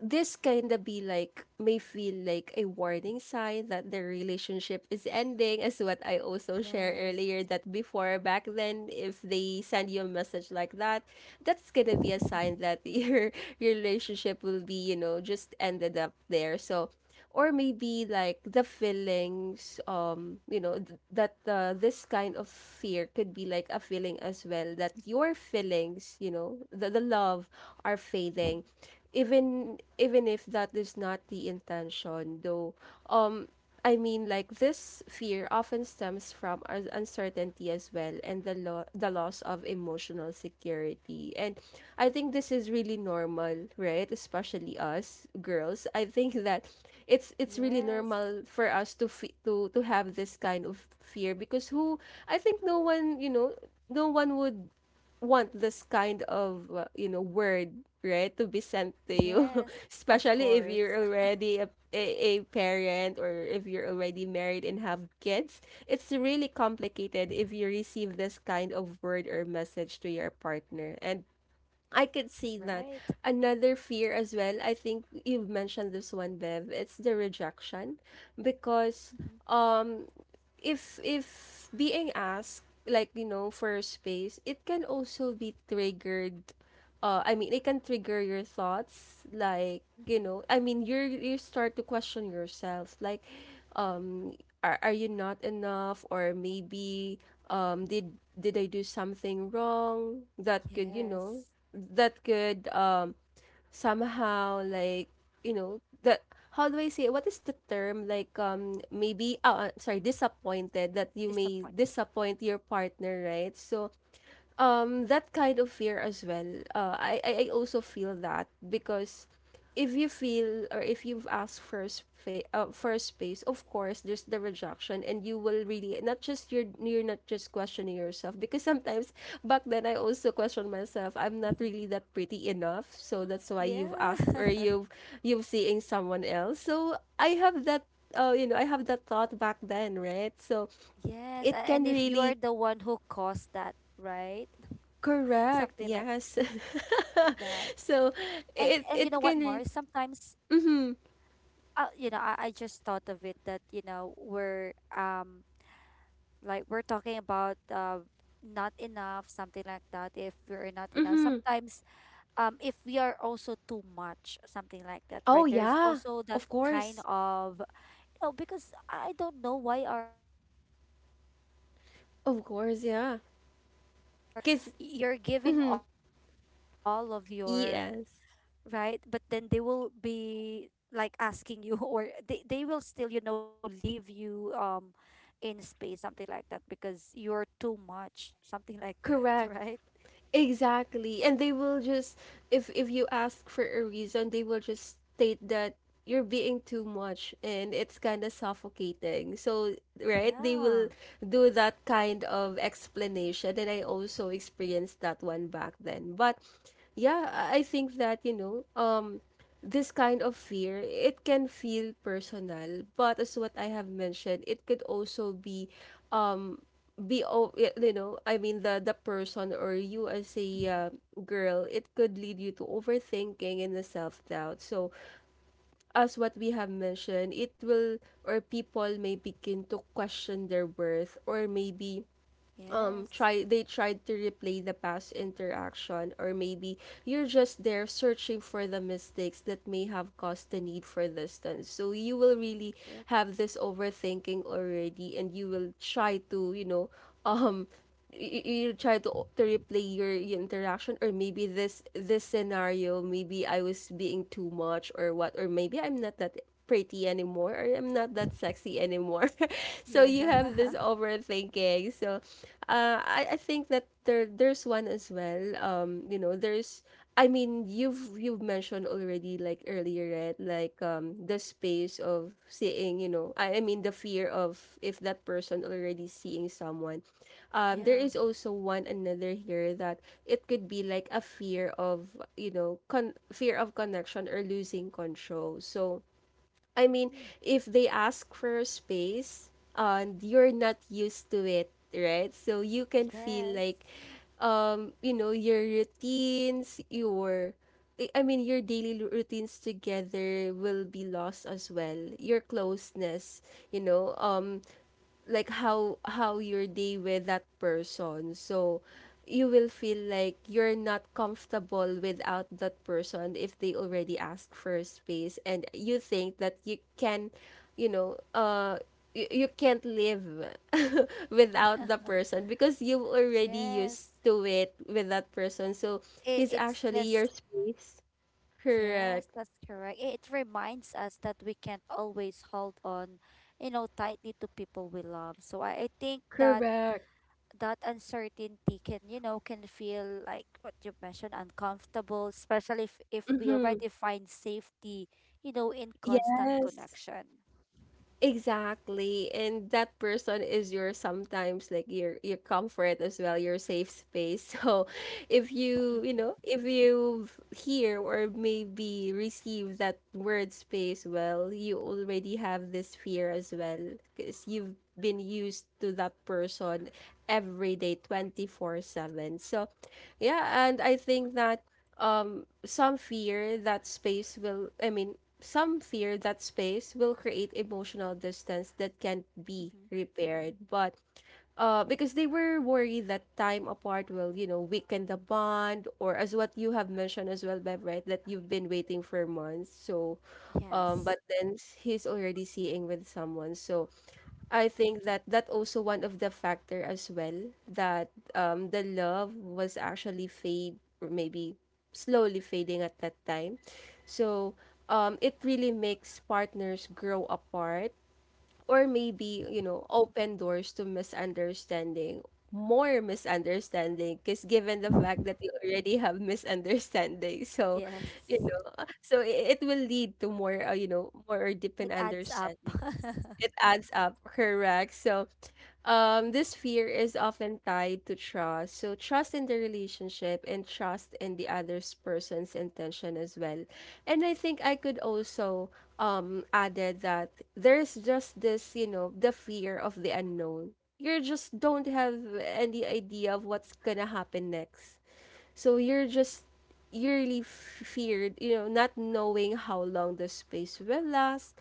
this kinda be like may feel like a warning sign that their relationship is ending, as what I also share
Yes.
earlier that before back then, if they send you a message like that, that's gonna be a sign that your relationship will be, you know, just ended up there. So or maybe like the feelings, you know th- that this kind of fear could be like a feeling as well that your feelings, you know, the love are fading, even even if that is not the intention though. um I mean, like this fear often stems from uncertainty as well, and the the loss of emotional security. And I think this is really normal, right? Especially us girls. I think that it's really
Yes.
normal for us to to have this kind of fear, because who, I think no one, you know, no one would want this kind of you know, word, right, to be sent to you.
Yes. Of
Especially if you're
course.
already a parent, or if you're already married and have kids, it's really complicated if you receive this kind of word or message to your partner. And I could see that.
Right.
Another fear as well, I think you've mentioned this one, Bev, it's the rejection. Because
Hmm.
um if being asked, like, you know, for space, it can also be triggered. I mean, it can trigger your thoughts, like, you
Hmm.
know, I mean, you start to question yourself like, um are you not enough, or maybe um did did I do something wrong that could, you know,
Yes.
that could somehow like, you know, the how do I say what is the term, like maybe oh sorry, disappointed that you may
Disappointed.
disappoint your partner, right? So that kind of fear as well. I also feel that, because if you feel or if you've asked for space, of course there's the rejection, and you will really not just you're not just questioning yourself, because sometimes back then I also question myself. I'm not
Hmm.
really that pretty enough, so that's why you've
Yeah.
asked or you've seeing someone else. So I have that. You know, I have that thought back then, right? So
Yes, a-
it
and
can
if you're
really.
the one who caused that, right?
Correct.
Something like
Yes.
that. And and you
So
know what, Mars?
it can
Sometimes,
mhm
you know, I just thought of it that, you know, we're like we're talking about not enough, something like that. If we're not enough,
mhm
sometimes, if we are also too much, something like that,
oh
right? There's
yeah
also that
of
kind
course
of. No, because I don't know why are, why there are people
of
that
course yeah
are like that,
because
right? You're giving all of your,
yes
right, but then they will be like asking you or they will still, you know, leave you in space, something like that, because you're too much, something like that,
correct.
right?
Exactly. And they will just, if you ask for a reason, they will just state that you're being too much and it's kind of suffocating. So, right? They will do
Yeah.
that kind of explanation, and I also experienced that one back then. But yeah, I think that, you know, this kind of fear, it can feel personal, but as what I have mentioned, it could also be um you know, I mean the person or you as a
Hmm.
girl, it could lead you to overthinking and the self-doubt. So as what we have mentioned, it will or people may begin to question their worth, or maybe try they
Yes.
tried to replay the past interaction, or maybe you're just there searching for the mistakes that may have caused the need for distance. So you will really
Yep.
have this overthinking already, and you will try to, you know, um you, you try to replay your interaction, or maybe this scenario. Maybe I was being too much or what, or maybe I'm not that pretty anymore, or I'm not that sexy anymore. So
Yeah.
you have this overthinking. So I think that there's one as well. You know, there's, I mean you've mentioned already like earlier, right? Like the space of seeing, you know, I mean the fear of if that person already seeing someone. There
Yeah.
is also one another here that it could be like a fear of, you know, fear of connection or losing control. So I mean,
Mhm.
if they ask for space and you're not used to it, right? So you can feel
Yes.
like, you know, your routines, your I mean, your daily routines together will be lost as well. Your closeness, you know, like how your day with that person. So you will feel like you're not comfortable without that person if they already ask for space, and you think that you can, you know, you, you can't live without the person because you've already used
Yes.
to it with that person. So
It,
he's
it's
actually your
just.
space.
Yes,
Correct.
that's correct. It reminds us that we can't always hold on, you know, tightly to people we love. So I think that
Correct.
that uncertainty can, you know, can feel like what you mentioned, uncomfortable, especially if we
Mm-hmm.
already find safety, you know, in constant
Yes.
connection.
Exactly. And that person is your sometimes like your comfort as well, your safe space. So if you, you
Mm-hmm.
know, if you hear or maybe receive that word space, well, you already have this fear as well, because you've been used to that person every day 24/7. So yeah, and I think that some fear that space will I mean, some fear that space will create emotional distance that can't be repaired. But because they were worried that time apart will, you know, weaken the bond, or as what you have mentioned as well, Bev, right? That you've been waiting for months. So
Mm-hmm. Yes.
but then he's already seeing with someone. So I think that that also one of the factor as well, that the love was actually fade, or maybe slowly fading at that time. So it really makes partners grow apart, or maybe, you know, open doors to misunderstanding, more misunderstanding, because given the
Mhm.
fact that you already have misunderstanding. So,
Yes.
you know, so it will lead to more, you know, more deepened
It adds up.
understanding. It adds up. Correct. So this fear is often tied to trust, so trust in the relationship and trust in the other person's intention as well. And I could also added that there's just this, you know, the fear of the unknown. You just don't have any idea of what's gonna happen next. So you're just, you really feared, you know, not knowing how long the space will last,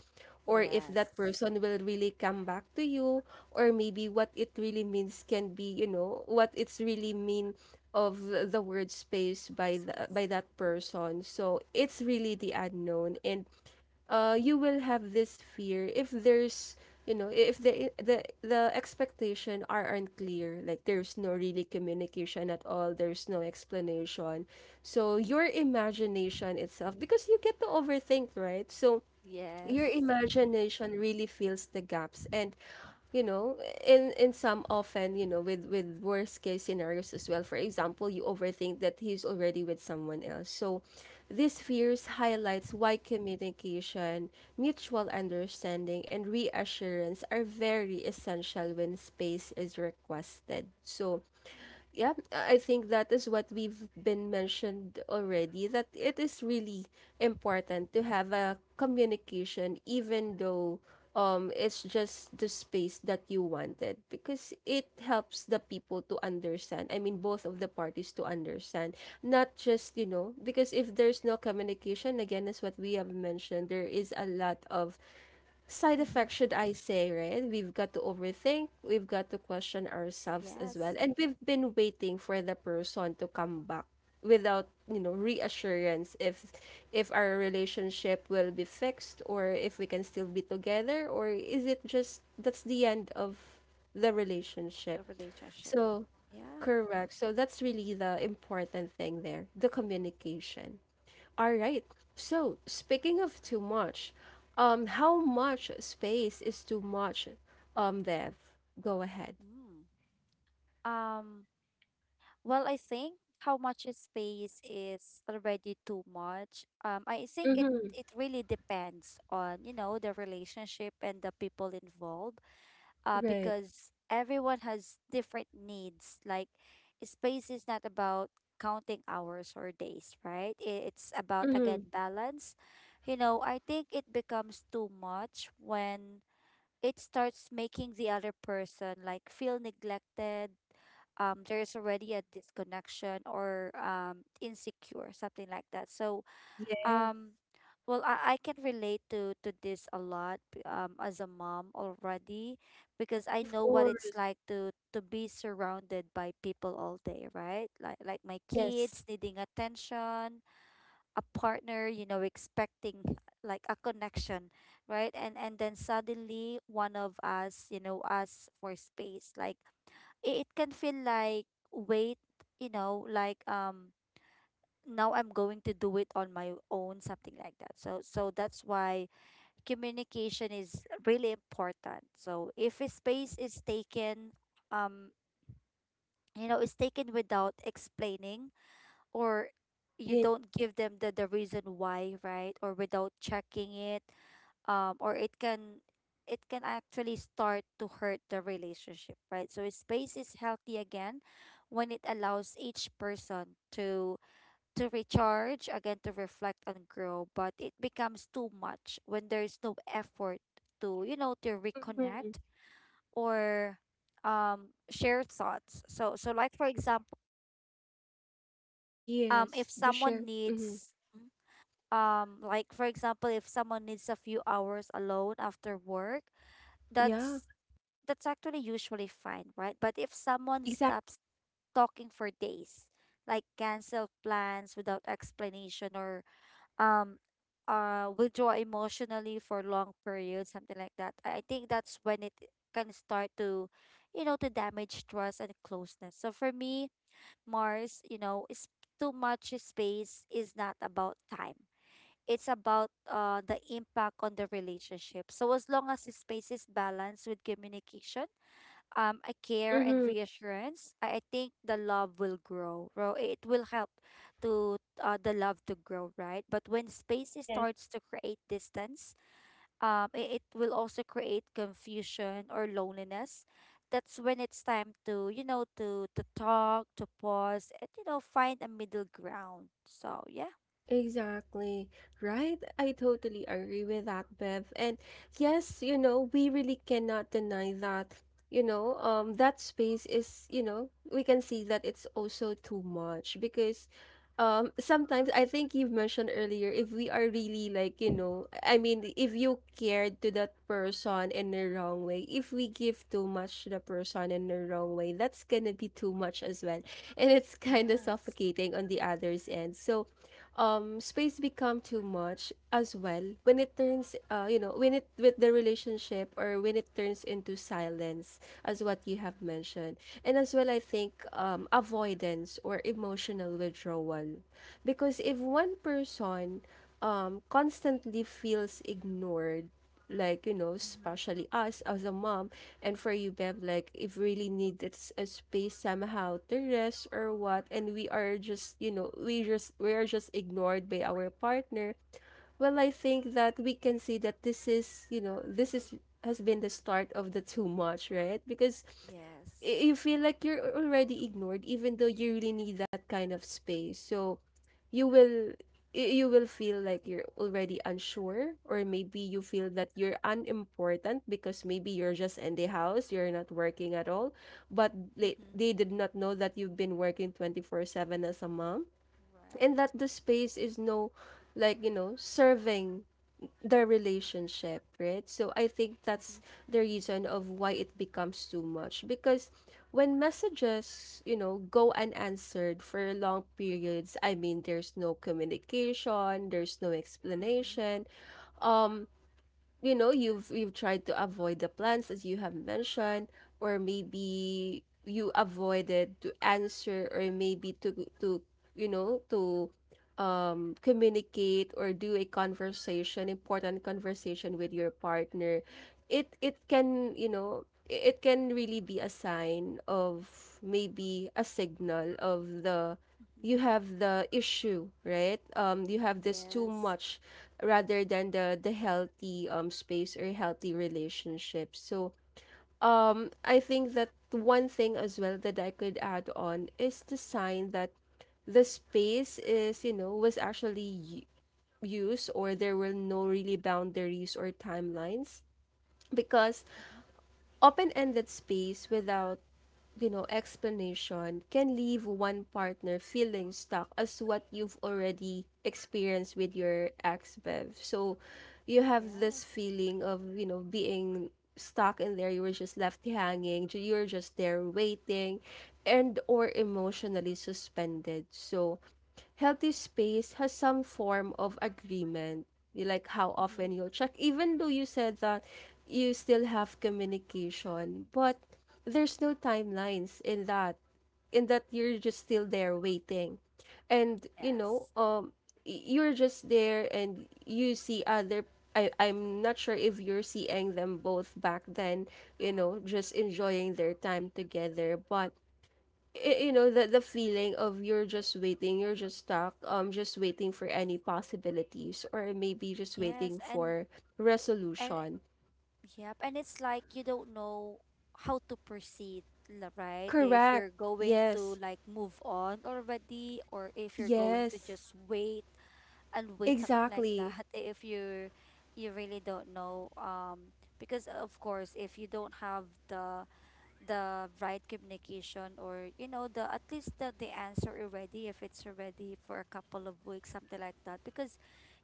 or if that
Yes.
person will really come back to you, or maybe what it really means, can be, you know, what it's really mean of the word space by the
Space.
by that person. So it's really the unknown, and you will have this fear if there's, you know, if the expectation are unclear, like there's no really communication at all, there's no explanation. So your imagination itself, because you get to overthink, right? So
Yes.
your imagination really fills the gaps and, you know, in some often, you know, with worst case scenarios as well. For example, you overthink that he's already with someone else. So these fears highlights why communication, mutual understanding and reassurance are very essential when space is requested. So yeah, I think that is what we've been mentioned already, that it is really important to have a communication, even though it's just the space that you wanted, because it helps the people to understand. I mean, both of the parties to understand, not just, you know, because if there's no communication, again, as what we have mentioned, there is a lot
Mm-hmm.
of side effect, should I say, right? We've got to overthink, we've got to question
Yes.
ourselves as well. And we've been waiting for the person to come back without, you know, reassurance if our relationship will be fixed, or if we can still be together, or is it just that's the end of the relationship.
The relationship.
So,
Yeah.
correct. So that's really the important thing there, the communication. All right. So, speaking of too much, how much space is too much? Bev, go ahead.
Mm. Um, well, I think how much it pays is already too much. I think it,
Mm-hmm.
it really depends on, you know, the relationship and the people involved.
Right.
Because everyone has different needs. Like space is not about counting hours or days, right? I- It's about,
Mm-hmm.
again, balance. You know, I think it becomes too much when it starts making the other person like feel neglected, there's already a disconnection, or insecure, something like that. So,
Yeah,
um well, I can relate to this a lot, as a mom already, because I
of
know what it's
course.
like to be surrounded by people all day, right? Like my
Yes.
kids needing attention, a partner, you know, expecting like a connection, right? And then suddenly one of us, you know, us for space. Like, it can feel like, wait, you know, like now I'm going to do it on my own, something like that. So so that's why communication is really important. So if a space is taken, um you know, is taken without explaining, or you
Yeah.
don't give them the reason why, right? Or without checking it, or it can, it can actually start to hurt the relationship, right? So space is healthy again when it allows each person to recharge, again to reflect and grow, but it becomes too much when there's no effort to, you know, to
Mm-hmm.
reconnect or share thoughts. So so like for example,
Yes.
if
The
someone
share. Mm-hmm.
needs, like for example, if someone needs a few hours alone after work,
Yeah.
that's that's actually usually fine, right? But if someone
Exactly.
stops talking for days, like cancel plans without explanation, or um withdraw emotionally for long periods, something like that, I think that's when it can start to, you know, to damage trust and closeness. So for me, Mars, you know, is too much space is not about time, it's about the impact on the relationship. So as long as the space is balanced with communication, a care and
Mm-hmm.
reassurance, I think the love will grow. It will help to the love to grow, right? But when space is-
Yeah.
starts to create distance, it will also create confusion or loneliness. That's when it's time to, you know, to talk, to pause, and you know, find a middle ground. So yeah.
Exactly. Right? I totally agree with that, Bev. And yes, you know, we really cannot deny that, you know, that space is, you know, we can see that it's also too much because sometimes I think you've mentioned earlier, if we are really like, you
Mhm.
know, I mean, if you cared to that person in the wrong way, if we give too much to the person in the wrong way, that's gonna be too much as well. And it's kind of
Yes.
suffocating on the other's end. So space become too much as well when it turns you know, when it with the relationship, or when it turns into silence, as what you have mentioned. And as well, I think avoidance or emotional withdrawal, because if one person constantly feels ignored, like, you know,
Hmm.
especially us as a mom. And for you, Bev, like if really needed a space somehow to rest or what, and we are just, you know, we are just ignored by our partner. Well, I think that we can see that this is, you know, this is has been the start of the too much, right? Because
Yes.
you feel like you're already ignored, even though you really need that kind of space. So you will you will feel like you're already unsure, or maybe you feel that you're unimportant, because maybe you're just in the house, you're not working at all, but they,
Hmm.
they did not know that you've been working 24/7 as a mom, and that
Right.
the space is no, like, you know, serving the relationship, right? So I think
Mm-hmm.
that's the reason of why it becomes too much, because when messages, you know, go unanswered for long periods, I mean, there's no communication, there's no
Mm-hmm.
explanation. um, you know, you've tried to avoid the plans as you have mentioned, or maybe you avoided to answer, or maybe to to you know, to communicate or do a conversation, important conversation with your partner. It can, you know, it can really be a sign of maybe a signal of the,
Mm-hmm.
you have the issue, right? You have this too
Yes.
much rather than the healthy, space or healthy relationship. So I think that one thing as well that I could add on is the sign that the space is, you know, was actually used, or there were no really boundaries or timelines, because
Mm-hmm.
open-ended space without, you know, explanation can leave one partner feeling stuck, as what you've already experienced with your ex, Bev. So you have this
Yes.
feeling of, you know, being stuck in there. You were just left hanging. You were just there waiting, and or emotionally suspended. So healthy space has some form of agreement, like how
Mm-hmm.
often you'll check, even though you said that you still have communication, but there's no timelines in in that you're just still there waiting. And, you know,
Yes.
you're just there and you see other, I'm not sure if you're seeing them both back then, you know, just enjoying their time together. But you know, the feeling of you're just waiting, you're just stuck, just waiting for any possibilities, or maybe just
Yes.
waiting for
And
resolution.
yep. And it's like you don't know how to proceed, right? If
Correct.
you're going to
Yes.
like move on already, or if you're going to
Yes.
just wait and wait, something like
Exactly.
that. If you're, you really don't know, because of course, if you don't have the right communication, or you know the at least the answer already, if it's already for a couple of weeks, something like that, because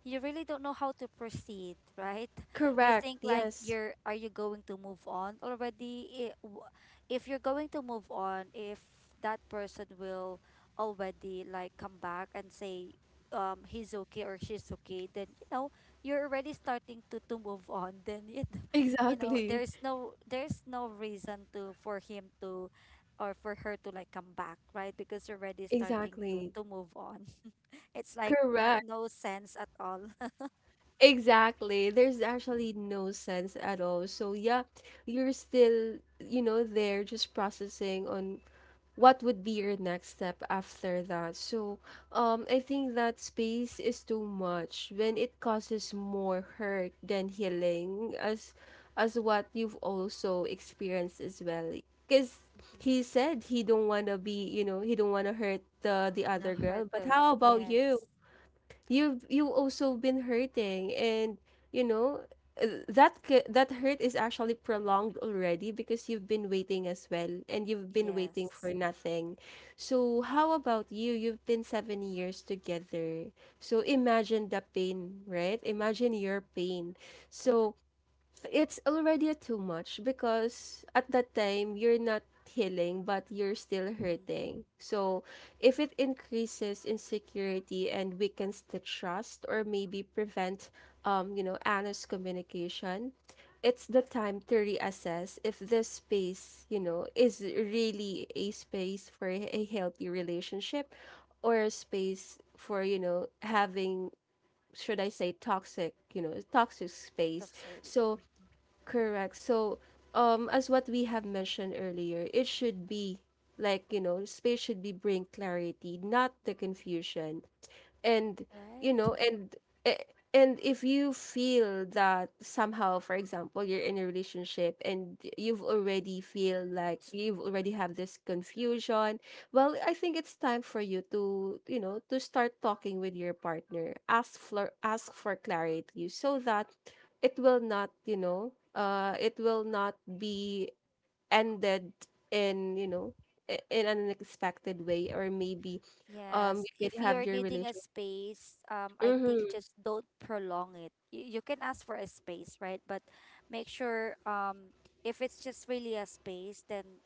you really don't know how to proceed, right? You
Correct.
think like
Yes.
you're are you going to move on already? If you're going to move on, if that person will already like come back and say, he's okay or she's okay, then you know you're already starting to move on, then it, you know,
Exactly.
there's no, there's no reason to for him to or for her to like come back, right? Because you're already starting
Exactly.
to move on. It's like no,
Correct.
no sense at all.
Exactly, there's actually no sense at all. So yeah, you're still, you know, there just processing on what would be your next step after that. So I think that space is too much when it causes more hurt than healing, as what you've also experienced as well, because
Mhm.
he said he don't want to be, you know, he don't want to hurt the
No
other girl.
hurt
But
to.
how about you?
Yes.
You also been hurting, and you know, that that hurt is actually prolonged already, because you've been waiting as well, and you've been waiting for
Yes.
nothing. So how about you? You've been 7 years together. So imagine the pain, right? Imagine your pain. So it's already too much because at that time you're not healing but you're still
Mm-hmm.
hurting. So if it increases insecurity and weakens the trust, or maybe prevent you know, honest communication, it's the time to reassess if this space, you know, is really a space for a healthy relationship, or a space for, you know, having, should I say, toxic, you know, toxic space.
Toxic rel-.
So
Mhm.
correct. So, as what we have mentioned earlier, it should be like, you know, space should be bring clarity, not the confusion. And, you
Right.
know, and a- and if you feel that somehow, for example, you're in a relationship and you've already feel like you've already have this confusion, well, I think it's time for you to, you know, to start talking with your partner, ask for clarity, so that it will not, you know, it will not be ended in, you know, in an unexpected way, or maybe
Yes,
you could
if
have
you're
your
needing a space, I think
Mm-hmm.
just don't prolong it. You can ask for a space, right? But make sure if it's just really a space, then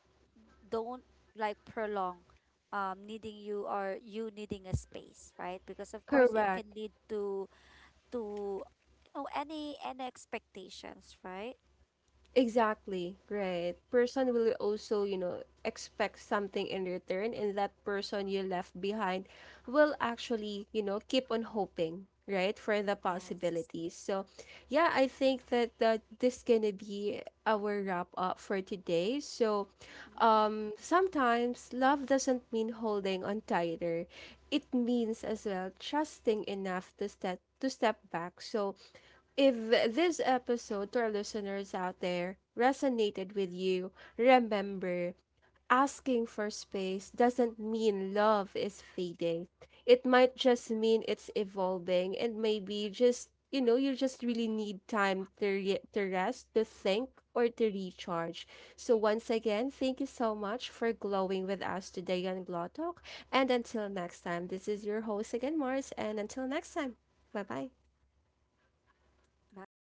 don't like prolong, needing you or you needing a space, right? Because of course it
Correct.
can lead to you know any expectations, right?
Exactly. Right. Person will also, you know, expect something in return, and that person you left behind will actually, you know, keep on hoping, right, for the
Yes.
possibilities. So, yeah, I think that this gonna be our wrap up for today. So,
Mm,
sometimes love doesn't mean holding on tighter. It means as well trusting enough to step back. So if this episode to our listeners out there resonated with you, remember, asking for space doesn't mean love is fading. It might just mean it's evolving, and maybe just, you know, you just really need time to, to rest, to think, or to recharge. So, once again, thank you so much for glowing with us today on Glow Talk. And until next time, this is your host again, Mars. And until next time, bye bye.
bye.